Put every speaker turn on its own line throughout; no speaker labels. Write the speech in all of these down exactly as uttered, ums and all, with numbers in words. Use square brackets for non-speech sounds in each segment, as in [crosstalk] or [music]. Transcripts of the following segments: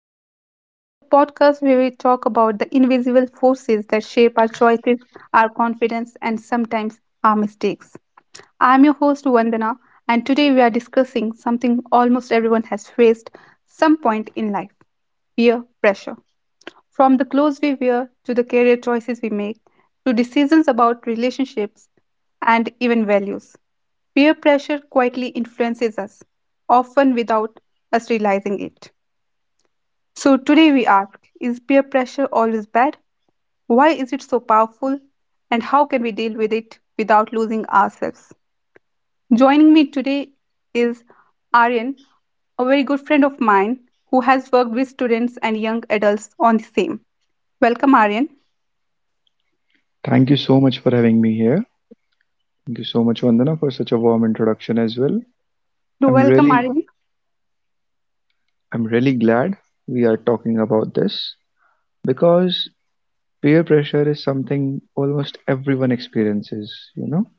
Under Pressure, the podcast where we talk about the invisible forces that shape our choices, our confidence, and sometimes our mistakes. I'm your host, Vandana, and today we are discussing something almost everyone has faced some point in life: peer pressure. From the clothes we wear to the career choices we make to decisions about relationships and even values. Peer pressure quietly influences us, often without us realizing it. So, today we ask, is peer pressure always bad? Why is it so powerful? And how can we deal with it without losing ourselves? Joining me today is Aryan, a very good friend of mine who has worked with students and young adults on the same. Welcome, Aryan.
Thank you so much for having me here. Thank you so much, Vandana, for such a warm introduction as well.
You're
I'm
welcome,
really,
Aryan.
I'm really glad we are talking about this because peer pressure is something almost everyone experiences, you know,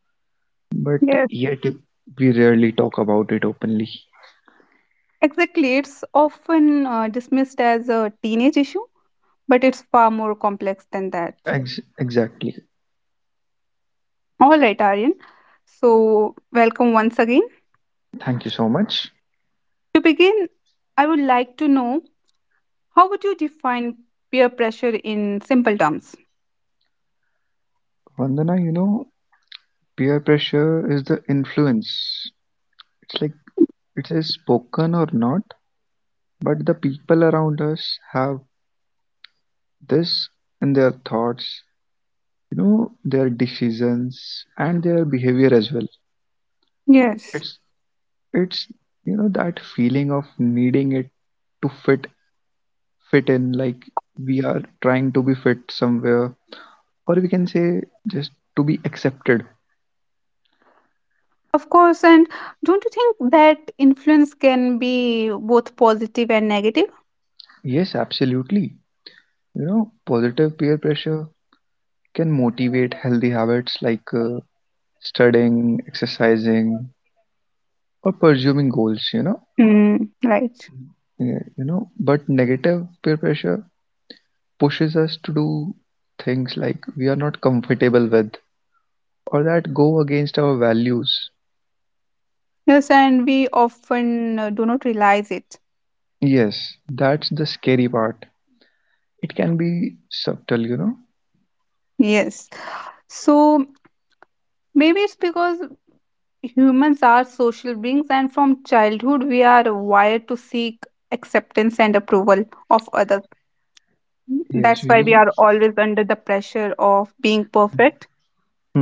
but
Yes,
yet we rarely talk about it openly.
Exactly, it's often uh, dismissed as a teenage issue, but it's far more complex than that.
Ex- exactly.
All right, Aryan. So, welcome once again.
Thank you so much.
To begin, I would like to know how would you define peer pressure in simple terms?
Vandana, you know, peer pressure is the influence. It's like it is spoken or not, but the people around us have this in their thoughts, you know, their decisions and their behavior as well.
Yes.
It's it's you know that feeling of needing it to fit fit in, like we are trying to be fit somewhere, or we can say just to be accepted.
Of course, and don't you think that influence can be both positive and negative?
Yes, absolutely. You know, positive peer pressure can motivate healthy habits like uh, studying, exercising, or pursuing goals, you know.
Mm, right.
Yeah, you know, but negative peer pressure pushes us to do things like we are not comfortable with or that go against our values.
Yes, and we often uh, do not realize it.
Yes, that's the scary part. It can be subtle, you know.
Yes. So, Maybe it's because humans are social beings, and from childhood, we are wired to seek acceptance and approval of others. That's
Yes,
why we are
we.
always under the pressure of being perfect,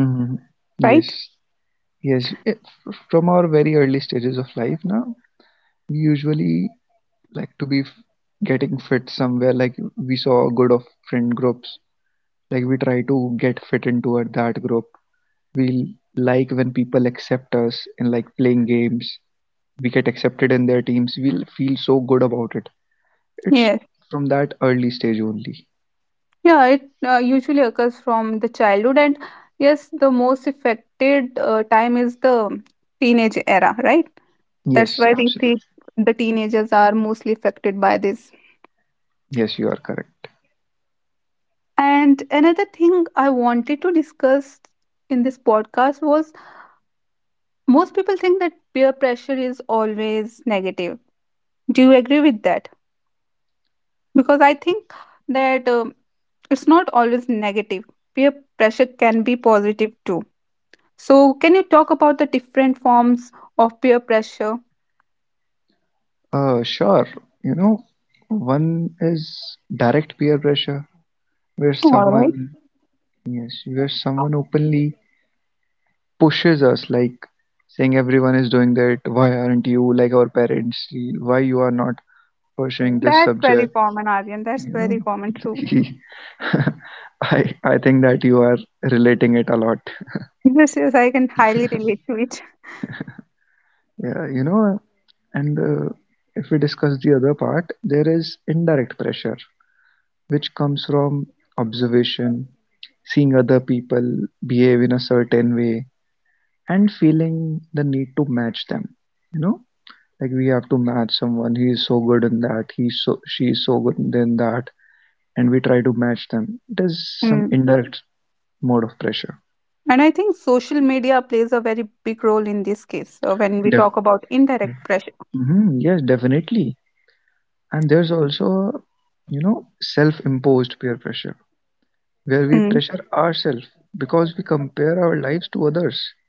Mhm. Yes,
right?
yes. It, from our very early stages of life now, we usually like to be f- getting fit somewhere. Like we saw good of friend groups, like we try to get fit into a, that group. We like when people accept us in like playing games we get accepted in their teams, we'll feel so good about it. It's
Yes.
from that early stage only.
Yeah, it uh, usually occurs from the childhood, and yes, the most affected uh, time is the teenage era, right? That's
Yes,
why we see
absolutely.
the teenagers are mostly affected by this.
Yes, you are correct.
And another thing I wanted to discuss in this podcast was most people think that peer pressure is always negative. Do you agree with that? Because I think that um, it's not always negative. Peer pressure can be positive too. So, can you talk about the different forms of peer pressure?
Uh, sure. You know, one is direct peer pressure, where
All right.
someone, yes, where someone openly pushes us, like saying everyone is doing that, why aren't you like our parents? Why you are not pursuing this
That's very
subject?
common, Aryan. That's
You
very
know,
common, true.
[laughs] I I think that you are relating it a lot.
Yes, yes, I can highly relate to it.
Yeah, you know, and uh, if we discuss the other part, there is indirect pressure, which comes from observation, seeing other people behave in a certain way, and feeling the need to match them. You know, like we have to match someone. He is so good in that. He's so she is so good in that, and we try to match them. It is some
Hmm.
indirect mode of pressure.
And I think social media plays a very big role in this case uh, when we
Def
talk about indirect pressure.
hmm yes, definitely. And there's also, you know, self-imposed peer pressure where we
Mm.
pressure ourselves because we compare our lives to others.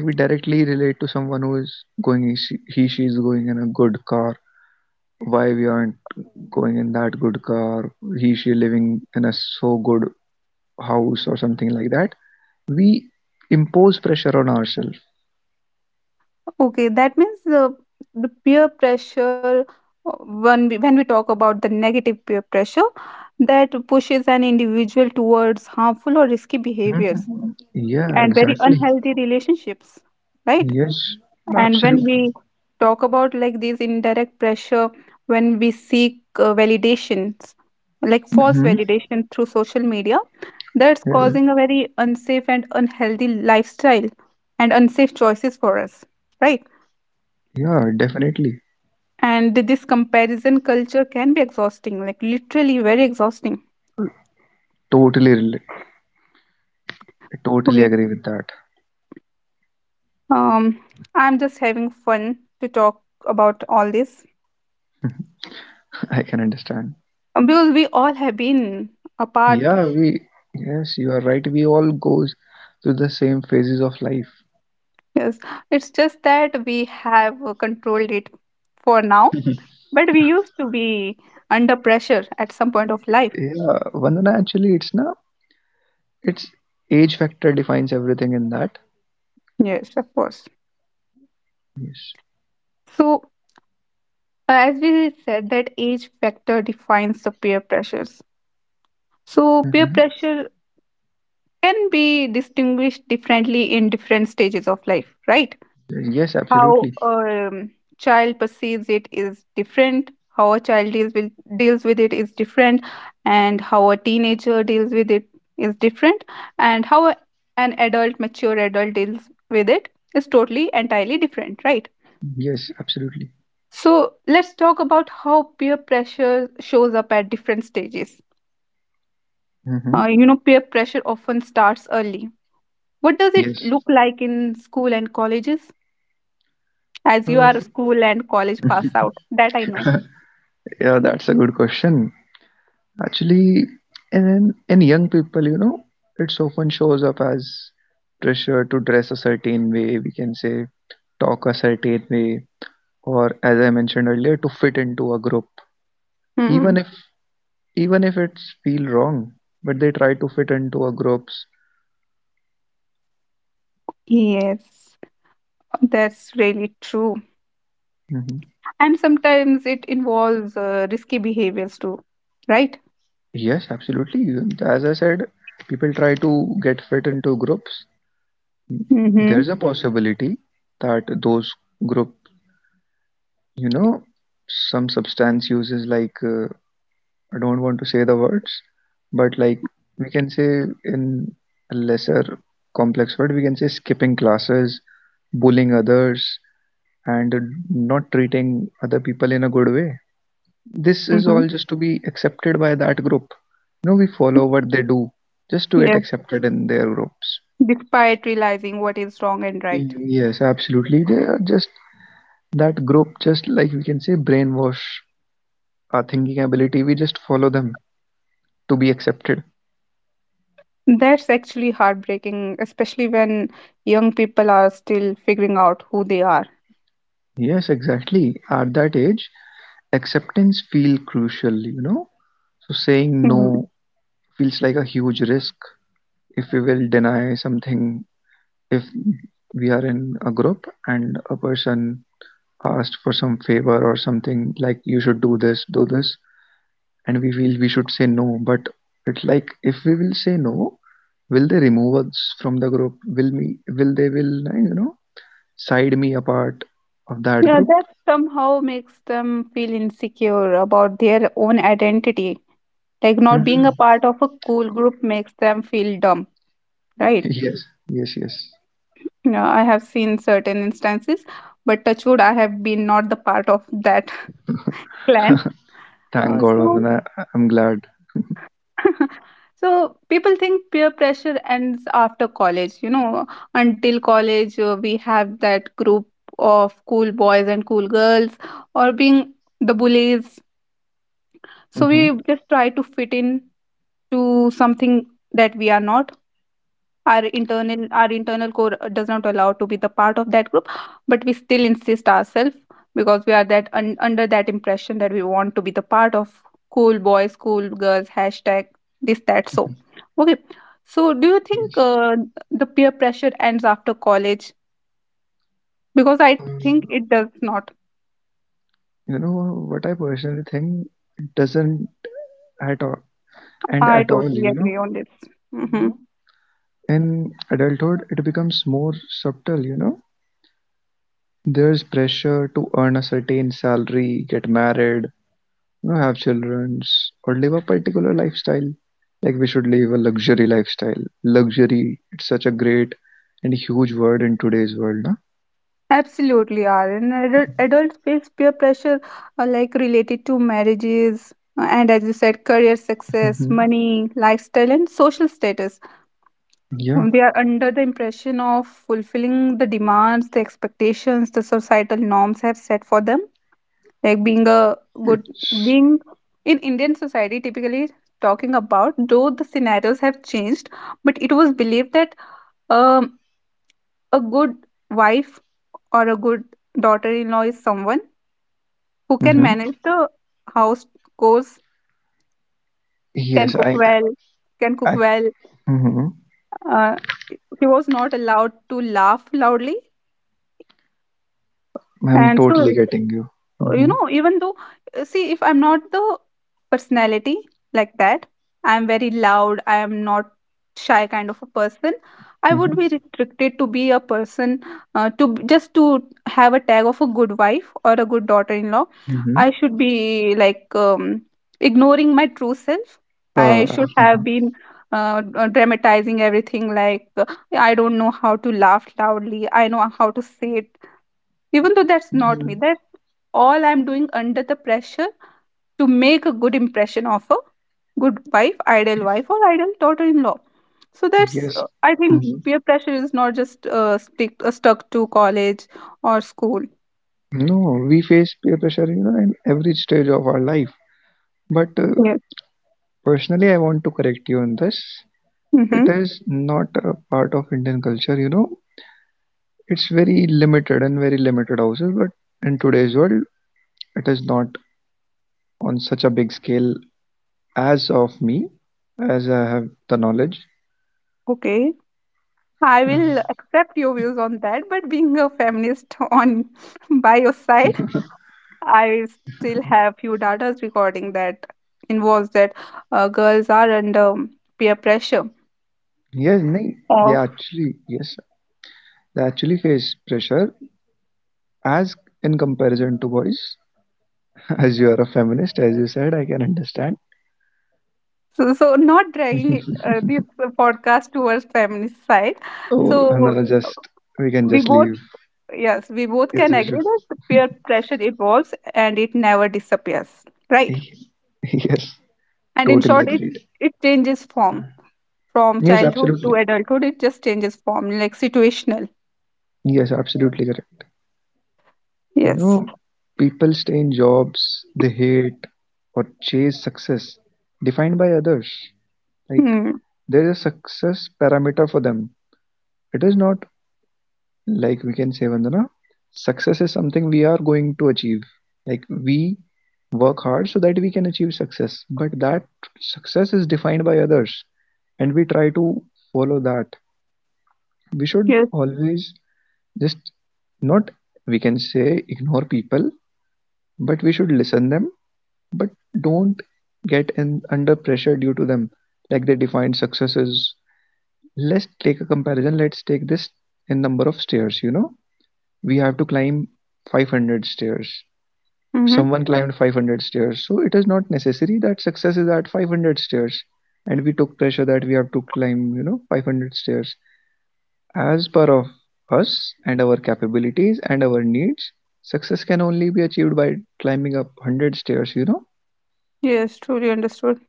Like we directly relate to someone who is going, he, she is going in a good car. Why we aren't going in that good car? He, she living in a so good house or something like that. We impose pressure on ourselves.
Okay, that means uh, the peer pressure, uh, when we, when we talk about the negative peer pressure, that pushes an individual towards harmful or risky behaviors
Hmm Yeah,
and very
exactly.
unhealthy relationships, right?
Yes,
And when
absolutely.
we talk about like these indirect pressure, when we seek uh, validations, like false
hmm
validation through social media, that's
Yeah,
causing a very unsafe and unhealthy lifestyle and unsafe choices for us, right?
yeah, definitely.
And this comparison culture can be exhausting, like literally very exhausting.
Totally relate. I totally
Okay.
agree with that.
Um, I'm just having fun to talk about all this
[laughs] I can understand.
Um, Because we all have been a part.
Yeah, we, yes, you are right. We all goes through the same phases of life.
Yes, it's just that we have uh, controlled it for now, but we used to be under pressure at some point of life.
Yeah, Vandana, actually, it's na, it's age factor defines everything in that.
Yes, of course.
Yes.
So, uh, as we said, that age factor defines the peer pressures. So, peer pressure can be distinguished differently in different stages of life, right?
Yes,
How
absolutely.
a um, child perceives it is different, how a child deals with deals with it is different, and how a teenager deals with it is different, and how a, an adult, mature adult deals with it is totally entirely different, right?
Yes, absolutely.
So let's talk about how peer pressure shows up at different stages. Uh,
Mm-hmm.
you know, peer pressure often starts early. What does it
Yes.
look like in school and colleges, as you are a school and college pass out, that I know.
Yeah, that's a good question. Actually, and in in young people, you know, it often shows up as pressure to dress a certain way, we can say, talk a certain way, or as I mentioned earlier, to fit into a group. Even
Hmm.
if even if it's feel wrong but they try to fit into a groups.
Yes, that's really true.
hmm
And sometimes it involves uh, risky behaviors too, right?
yes, absolutely. You- as I said, people try to get fit into groups.
Mm-hmm.
There's a possibility that those group, you know, some substance uses like uh, I don't want to say the words, but like we can say in a lesser complex word we can say skipping classes, bullying others, and not treating other people in a good way. This is
Mm-hmm.
all just to be accepted by that group. You know, we follow what they do just to get
Yes,
accepted in their groups.
despite realizing what is wrong and right.
Yes, absolutely. They are just that group, just like we can say, brainwash our thinking ability. We just follow them to be accepted.
That's actually heartbreaking, especially when young people are still figuring out who they are.
Yes, exactly. At that age, acceptance feel crucial, you know? So saying
Hmm.
no feels like a huge risk if we will deny something if we are in a group and a person asked for some favor or something like you should do this, do this, and we feel we should say no. But it's like if we will say no, will they remove us from the group? Will me? Will they will you know side me apart of that
Yeah,
group?
that somehow makes them feel insecure about their own identity. Like not
Hmm
being a
[laughs]
part of a cool group makes them feel dumb, right?
Yes, yes, yes.
Yeah, I have seen certain instances, but Touchwood, I have been not the part of that [laughs] clan.
Thank
Uh,
God,
so,
Vandana. I- I'm glad.
[laughs] so people think peer pressure ends after college. You know, until college, uh, we have that group of cool boys and cool girls, or being the bullies. So
Hmm
we just try to fit in to something that we are not. Our internal our internal core does not allow to be the part of that group, but we still insist ourselves because we are that un, under that impression that we want to be the part of cool boys, cool girls, hashtag this that so. Okay, so do you think uh, the peer pressure ends after college? Because I think it does not.
You know what I personally think? It doesn't at all, and
I
at all,
totally
you know.
agree on this. Mhm.
No. In adulthood, it becomes more subtle, you know. There's pressure to earn a certain salary, get married, you know, have children, or live a particular lifestyle. Like we should live a luxury lifestyle. Luxury, it's such a great and huge word in today's world, no?
Absolutely are. And adult, adults face peer pressure uh, like related to marriages uh, and as you said, career success,
hmm
money, lifestyle, and social status.
Yeah.
Um, They are under the impression of fulfilling the demands, the expectations the societal norms have set for them. Like being a good, being in Indian society, typically talking about, though the scenarios have changed, but it was believed that um, a good wife or a good daughter in law is someone who can
Mm-hmm.
manage the house chores, can
Yes,
cook
I,
well, can
I,
cook
I-
well.
mhm.
Uh, he was not allowed to laugh loudly,
I'm
and so,
totally getting you.
you
Mm-hmm.
know, even though uh, see, if I'm not the personality like that, I'm very loud, I am not shy kind of a person, I would be
Mm-hmm.
restricted to be a person uh, to b- just to have a tag of a good wife or a good daughter-in-law.
Mm-hmm.
I should be like um, ignoring my true self.
Uh,
I should have been uh, uh, dramatizing everything, like uh, I don't know how to laugh loudly, I know how to say, even though that's not me,
mhm.
that's all I'm doing under the pressure to make a good impression of a good wife, ideal wife, or ideal daughter in law. So that's,
Yes.
uh, I think,
Mhm.
peer pressure is not just uh, stick, uh, stuck to college or school.
No, we face peer pressure, you know, in every stage of our life. But uh,
Yes.
Personally, I want to correct you on this. It
Mm-hmm.
is not a part of Indian culture, you know. It's very limited and very limited houses, but in today's world, it is not on such a big scale as of me, as I have the knowledge.
Okay. I
You know.
will accept your views on that, but being a feminist on [laughs] by your side, I still have few data recording that involves that uh, girls are under peer pressure
Yes, nay, they
of.
actually, yes, they actually face pressure as in comparison to boys. [laughs] As you are a feminist, as you said, I can understand.
So, so not dragging uh, this podcast towards feminist side.
So,
So
Hanana, just we can
we
just
both,
leave.
yes, we both
Yes,
can
we should.
agree that peer pressure evolves and it never disappears, right?
[laughs] Yes,
And in
totally
short, it
agreed.
it changes form from
Yes,
childhood to
absolutely.
adulthood. It just changes form, like situational.
Yes, absolutely correct. You
Yes.
know, people stay in jobs they hate or chase success defined by others. Like
Hmm.
there is a success parameter for them. It is not like we can say, Vandana, success is something we are going to achieve. Like we work hard so that we can achieve success, but that success is defined by others and we try to follow that. We should
Yes.
always just not, we can say, ignore people, but we should listen them, but don't get in under pressure due to them, like they defined successes. Let's take a comparison. Let's take this in number of stairs. You know, we have to climb five hundred stairs.
Mm-hmm.
Someone climbed five hundred stairs, so it is not necessary that success is at five hundred stairs, and we took pressure that we have to climb, you know, five hundred stairs. As per of us and our capabilities and our needs, success can only be achieved by climbing up one hundred stairs, you know?
Yes. Truly understood.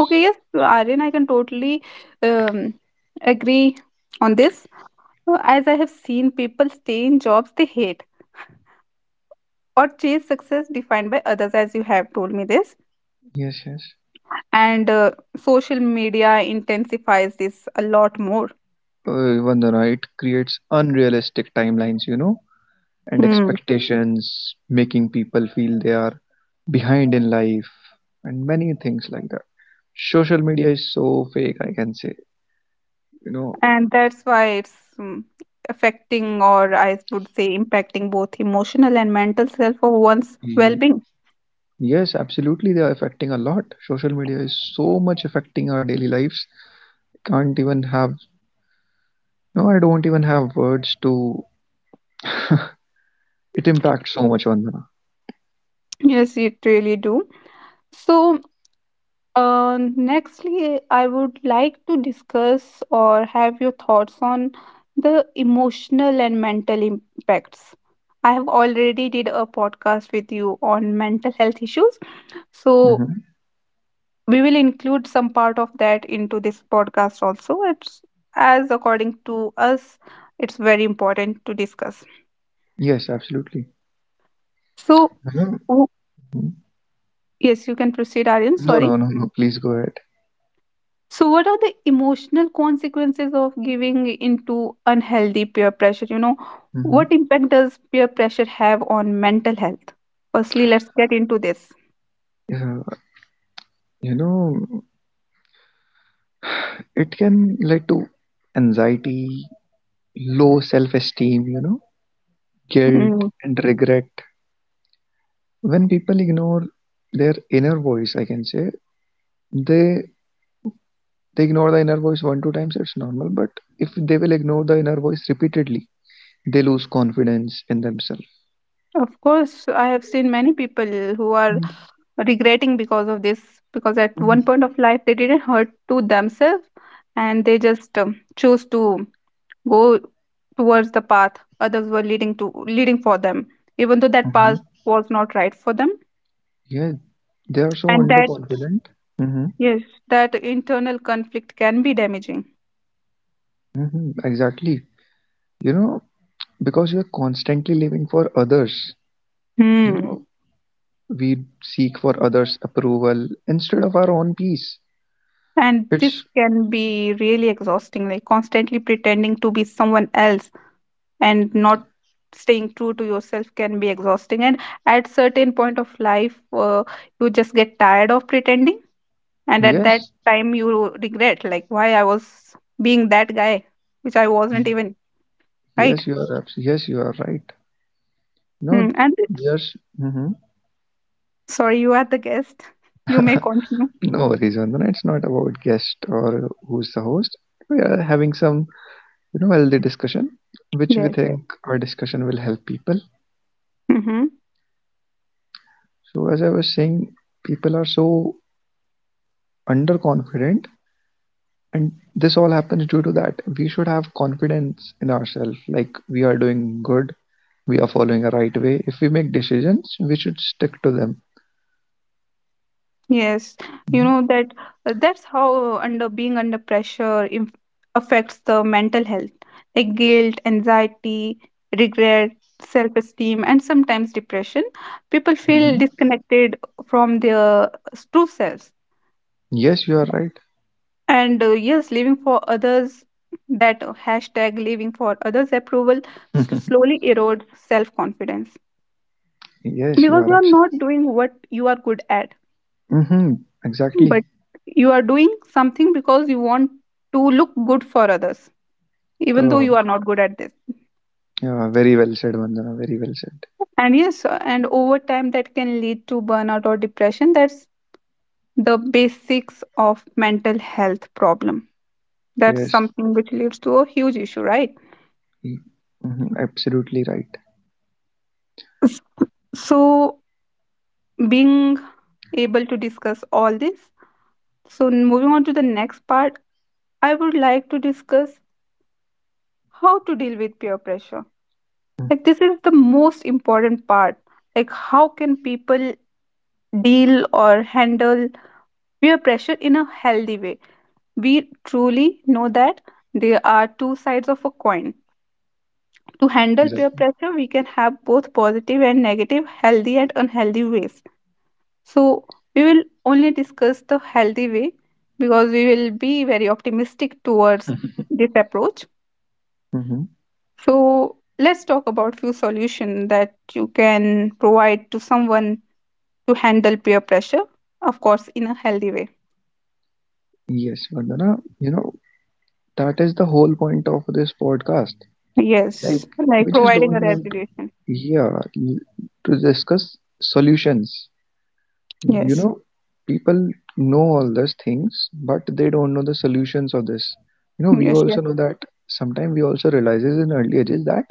Okay. Yes, Aryan, I can totally um, agree on this. Uh, As I have seen people stay in jobs they hate or chase success defined by others, as you have told me this,
Yes, yes.
and uh, social media intensifies this a lot more.
Uh, Vandana, it creates unrealistic timelines, you know, and
Hmm.
expectations, making people feel they are behind in life, and many things like that. Social media is so fake, I can say, you know.
And that's why it's mm, affecting, or I would say impacting, both emotional and mental self of one's
Mm,
well-being.
Yes, absolutely, they are affecting a lot. Social media is so much affecting our daily lives. Can't even have No, I don't even have words to. It impacts so much on the.
Yes, it really do. So Uh, nextly, I would like to discuss or have your thoughts on the emotional and mental impacts. I have already did a podcast with you on mental health issues, so
Hmm
we will include some part of that into this podcast also. It's as according to us, it's very important to discuss.
Yes, absolutely.
So,
Mhm.
w- yes, you can proceed, Aryan.
No, no,
Sorry.
no, no. Please go ahead.
So, what are the emotional consequences of giving into unhealthy peer pressure? You know,
Hmm
what impact does peer pressure have on mental health? Firstly, let's get into this.
Yeah, you know, it can lead to anxiety, low self-esteem, you know, guilt
Mm.
and regret. When people ignore their inner voice, I can say they they ignore the inner voice one two times, it's normal. But if they will ignore the inner voice repeatedly, they lose confidence in themselves.
Of course, I have seen many people who are
Mm-hmm.
regretting because of this, because at one point of life they didn't hurt to themselves and they just um, choose to go towards the path others were leading to leading for them, even though that
Mm-hmm.
path was not right for them.
Yeah, they are so
And that
underconfident. Mm-hmm.
Yes, that internal conflict can be damaging.
Mm-hmm. Exactly. You know, because you're constantly living for others, you
Hmm.
know, we seek for others' approval instead of our own peace.
And
It's
this can be really exhausting, like constantly pretending to be someone else and not staying true to yourself can be exhausting. And at certain point of life, uh, you just get tired of pretending, and at that
Yes,
time you regret, like why I was being that guy, which I wasn't even,
yes,
right?
you are abs- yes, you are right. No,
Hmm. And
there's mm-hmm.
sorry, you are the guest. [laughs] You may continue.
No worries, Vandana. It's not about guest or who's the host. We are having some, you know, healthy discussion, which we
Yes. Yes.
think our discussion will help people.
Mm-hmm.
So, as I was saying, people are so underconfident, and this all happens due to that we should have confidence in ourselves, like we are doing good, we are following a right way. If we make decisions, we should stick to them.
Yes, you know that uh, that's how under being under pressure inf- affects the mental health, like guilt, anxiety, regret, self-esteem, and sometimes depression. People
Mhm.
feel disconnected from their true selves.
Yes, you are right.
And uh, yes, living for others, that uh, hashtag living for others approval s-
[laughs]
slowly erodes self-confidence
Yes, you are
because you are
absolutely.
not doing what you are good at,
Hmm exactly.
but you are doing something because you want to look good for others, even though
uh,
you are not good at this.
yeah, very well said, Vandana, very well said.
And yes, uh, and over time that can lead to burnout or depression. That's the basics of mental health problem. That's
Yes.
something which leads to a huge issue, right?
Hmm, absolutely right.
S- so, being able to discuss all this, so moving on to the next part, I would like to discuss how to deal with peer pressure. Like, this is the most important part. Like, how can people deal or handle peer pressure in a healthy way? We truly know that there are two sides of a coin. To handle peer
Exactly.
pressure, we can have both positive and negative, healthy and unhealthy ways. So we will only discuss the healthy way because we will be very optimistic towards this approach.
hmm
So let's talk about few solutions that you can provide to someone to handle peer pressure, of course, in a healthy way.
yes, Vandana, you know, that is the whole point of this podcast, like
Yes,
we
like
just don't
providing a
want.
resolution.
Yeah, l- to discuss solutions. You know,
Yes,
people know all these things, but they don't know the solutions of this. You know, we
yes,
also
yes,
know that sometimes we also realizes in early ages that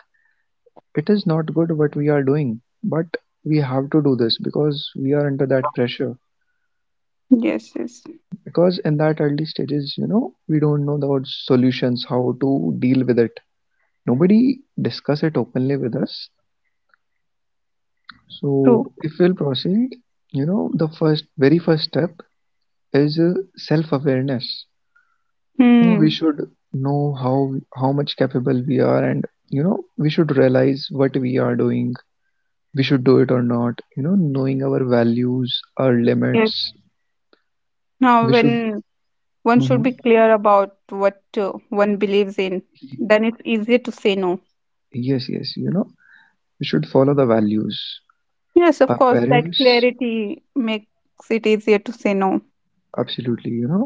it is not good what we are doing, but we have to do this because we are under that pressure.
yes, yes.
Because in that early stages, you know, we don't know the solutions, how to deal with it. Nobody discuss it openly with us. So,
True.
if we'll proceed, you know, the first, very first step is uh, self-awareness. You know, we
Hmm.
should know how how much capable we are, and you know, we should realize what we are doing. We should do it or not. You know, knowing our values, our
Yes.
limits. We
Now,
should.
when one
Mhm.
should be clear about what uh, one believes in, then it's easier to say no.
Yes, yes. You know, we should follow the values.
Yes,
Our
of course, that
parents,
clarity makes it easier to say no.
absolutely. You know,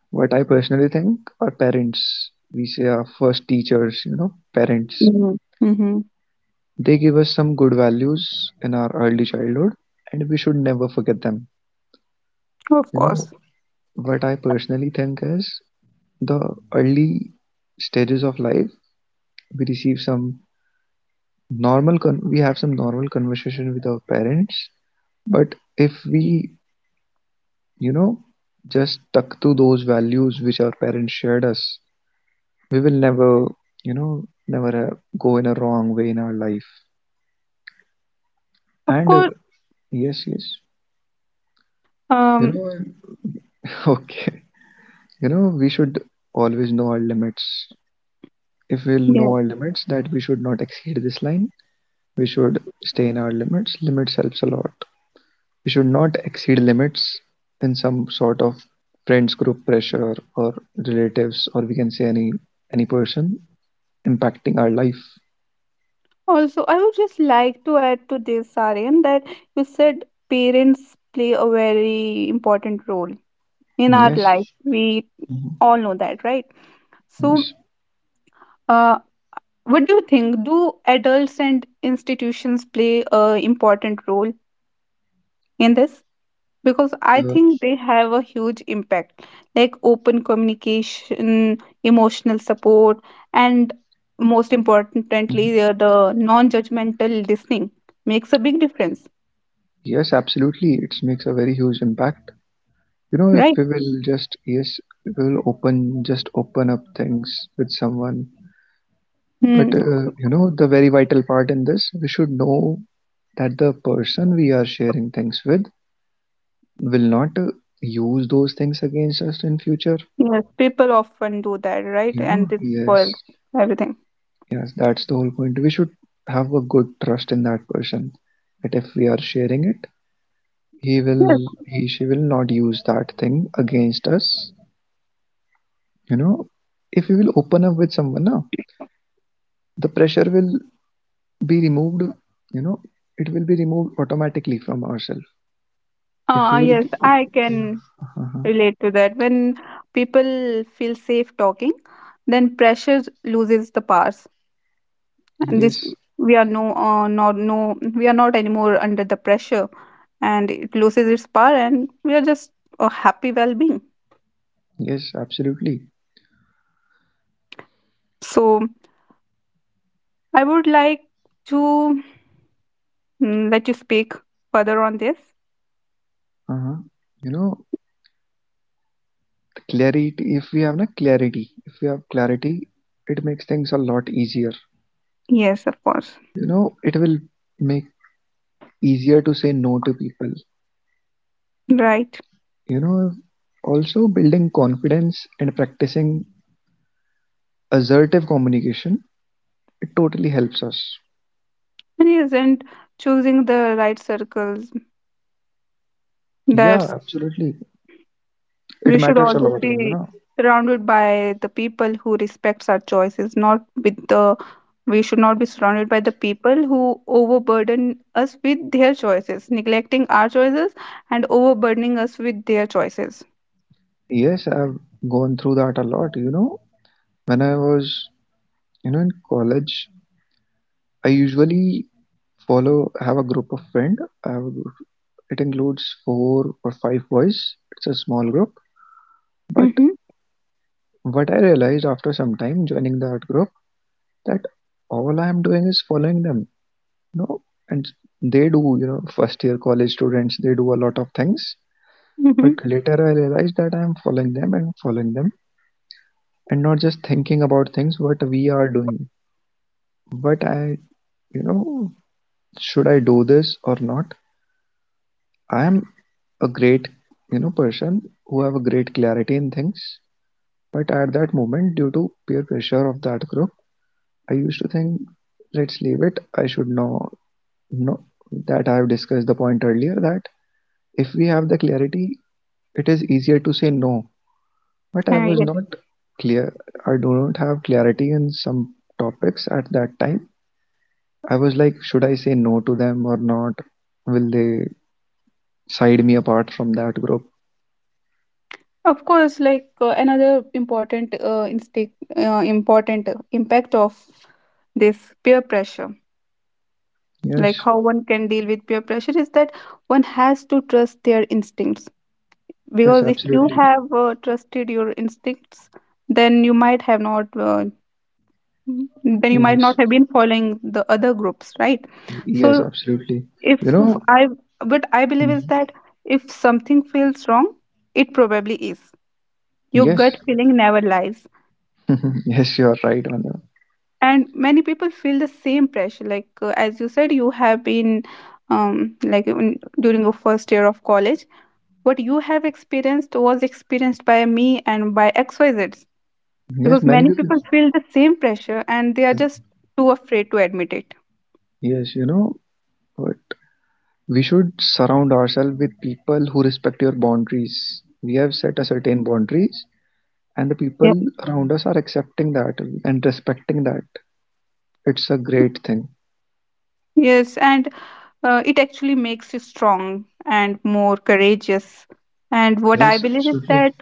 what I personally think, our parents. We say our first teachers. You know, parents
Mm-hmm. Mm-hmm.
they give us some good values in our early childhood, and we should never forget them. You
Of
know,
course,
what I personally think is the early stages of life, we receive some normal, con- we have some normal conversation with our parents. But if we, you know, just stuck to those values which our parents shared us, we will never, you know, never uh, go in a wrong way in our life.
of
And uh,
course.
yes, yes, you know,
Um.
[laughs] okay. You know, we should always know our limits. If we'll know our limits, that we should not exceed this line, we should stay in our limits limits helps a lot. We should not exceed limits in some sort of friends group pressure, or relatives, or we can say any any person impacting our life.
Also, I would just like to add to this, Aryan, that you said parents play a very important role in our
Yes.
life. We
Mhm.
all know that, right?
Yes.
So, uh, what do you think? Do adults and institutions play a important role in this? Because I
uh,
think they have a huge impact, like open communication, emotional support, and most importantly, the the non-judgmental listening makes a big difference.
yes, absolutely, it makes a very huge impact. You know, if we
Right?
will just, yes, we will open, just open up things with someone. But
Hmm.
uh, you know, the very vital part in this, we should know that the person we are sharing things with will not uh, use those things against us in future.
Yes, people often do that,
You
right?
know,
And it
yes,
spoils everything.
yes, that's the whole point. We should have a good trust in that person, that if we are sharing it, he will,
Yes.
he, she will not use that thing against us. You know, if we will open up with someone now, the pressure will be removed, you know, it will be removed automatically from ourselves. If we
Uh,
will be,
yes,
oh,
I can
uh-huh.
relate to that. When people feel safe talking, then pressure loses the powers, and this
Yes,
we are no, uh, not no, we are not anymore under the pressure, and it loses its power, and we are just a happy well-being.
yes, absolutely.
So I would like to mm, let you speak further on this.
Uh-huh. You know, clarity, if we have na clarity, if we have clarity, it makes things a lot easier.
Yes, of course.
You know, it will make easier to say no to people.
Right.
You know, also building confidence and practicing assertive communication, it totally helps us.
And yes, and choosing the right circles.
Yeah,
That's,
absolutely. It
we should
matters a lot,
always
you know.
be surrounded by the people who respects our choices, not with the, we should not be surrounded by the people who overburden us with their choices, neglecting our choices and overburdening us with their choices.
Yes, I've gone through that a lot, you know. When I was, you know, in college, I usually follow have a group of friend. I have a group. It includes four or five boys. It's a small group. But
Mm-hmm.
what I realized after some time joining that group, that all I am doing is following them. No, and they do. You know, first year college students, they do a lot of things. But
Mm-hmm.
later I realized that I am following them and following them, and not just thinking about things what we are doing. What I, you know, should I do this or not? I am a great, you know, person who have a great clarity in things, but at that moment, due to peer pressure of that group, I used to think, let's leave it. I should know know that I have discussed the point earlier, that if we have the clarity, it is easier to say no. But I was
Uh,
not
yes.
clear. I do not have clarity in some topics at that time. I was like, should I say no to them or not? Will they side me apart from that group?
Of course, like uh, another important uh, instinct, uh, important uh, impact of this peer pressure,
Yes,
like how one can deal with peer pressure is that one has to trust their instincts.
yes,
Because if
absolutely.
you have uh, trusted your instincts, then you might have not uh, then you might
Yes.
not have been following the other groups, right?
Yes,
So
absolutely. You
if
know,
I, what I believe is
mhm.
that if something feels wrong, it probably is. Your
Yes,
gut feeling never lies.
[laughs] yes, you are right on that.
And many people feel the same pressure, like uh, as you said, you have been um, like in, during your first year of college. What you have experienced was experienced by me and by X Y Zs,
Yes,
because
many
many
people.
people feel the same pressure and they are just too afraid to admit it.
Yes, you know, but we should surround ourselves with people who respect your boundaries. We have set a certain boundaries, and the people
Yeah.
around us are accepting that and respecting that. It's a great thing.
Yes, and uh, it actually makes you strong and more courageous. And what
Yes,
I believe is
absolutely,
that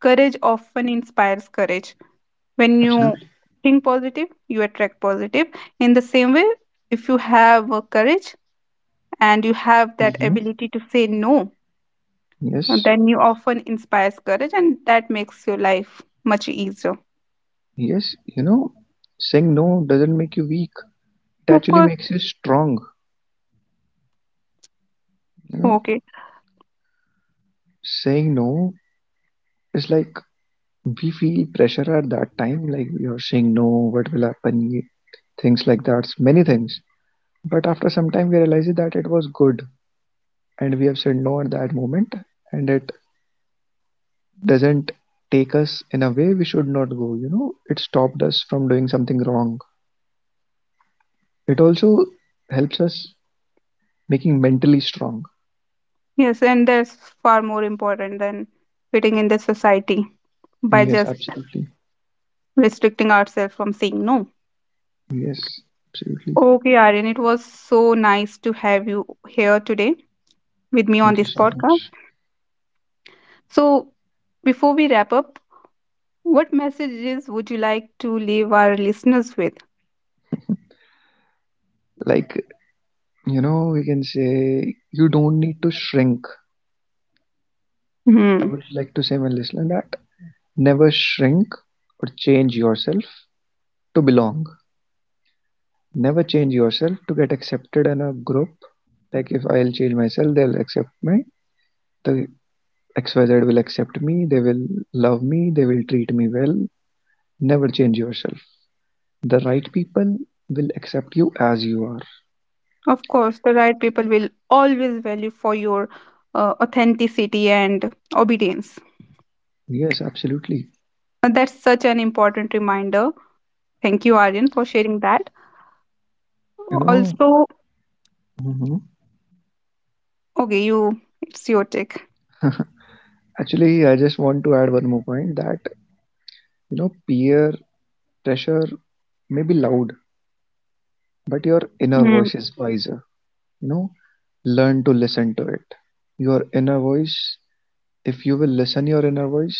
courage often inspires courage. When
absolutely.
you think positive, you attract positive. In the same way, if you have uh, courage and you have that
Hmm.
ability to say no,
Yes,
and then you often inspires courage and that makes your life much easier.
yes. You know, saying no doesn't make you weak. It actually
Of course.
makes you strong. You know,
Okay.
saying no, it's like we feel pressure at that time, like we are saying no, what will happen, ye- things like that, many things. But after some time, we realize that it was good, and we have said no at that moment, and it doesn't take us in a way we should not go. You know, it stopped us from doing something wrong. It also helps us making mentally strong.
Yes, and that's far more important than fitting in the society by
Yes,
just
absolutely.
restricting ourselves from saying no.
Yes, absolutely.
Okay, Aryan, it was so nice to have you here today with me
Thank you
on
so
this
much.
podcast. So, before we wrap up, what messages would you like to leave our listeners with?
Like, you know, we can say you don't need to shrink. I would
Hmm.
like to say, my listener, that never shrink or change yourself to belong. Never change yourself to get accepted in a group. Like if I'll change myself, they'll accept me. The X Y Z will accept me. They will love me. They will treat me well. Never change yourself. The right people will accept you as you are.
Of course, the right people will always value for your uh, authenticity and obedience.
Yes, absolutely.
And that's such an important reminder. Thank you, Aryan, for sharing that.
You know,
Also,
mhm.
okay, you, it's your take.
[laughs] Actually, I just want to add one more point that, you know, peer pressure may be loud, but your inner voice
Mm.
is wiser, you know. Learn to listen to it. Your inner voice, if you will listen your inner voice,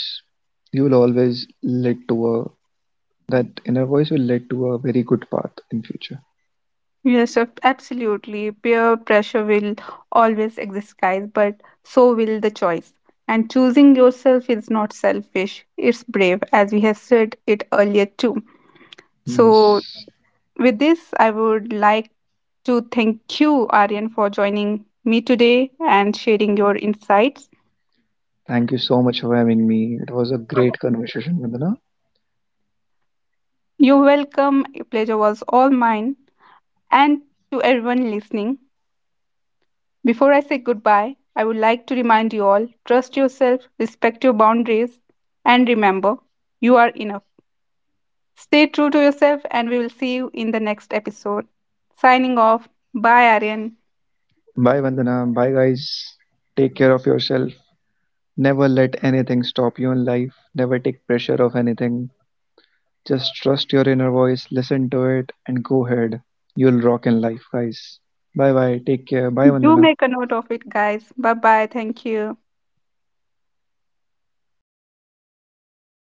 you will always lead to a, that inner voice will lead to a very good path in future.
Yes, ab- absolutely. Peer pressure will always exist, guys, but so will the choice. And choosing yourself is not selfish, it's brave, as we have said it earlier, too. So,
Yes.
with this, I would like to thank you, Aryan, for joining me today and sharing your insights.
Thank you so much for having me. It was a great conversation, Vandana.
You're welcome. Pleasure was all mine. And to everyone listening, before I say goodbye, I would like to remind you all, trust yourself, respect your boundaries, and remember, you are enough. Stay true to yourself, and we will see you in the next episode. Signing off. Bye, Aryan.
Bye, Vandana. Bye, guys. Take care of yourself. Never let anything stop you in life. Never take pressure of anything. Just trust your inner voice, listen to it and go ahead. You'll rock in life, guys. Bye bye. Take care. Bye, Vandana.
Do make a note of it, guys. Bye bye. Thank you.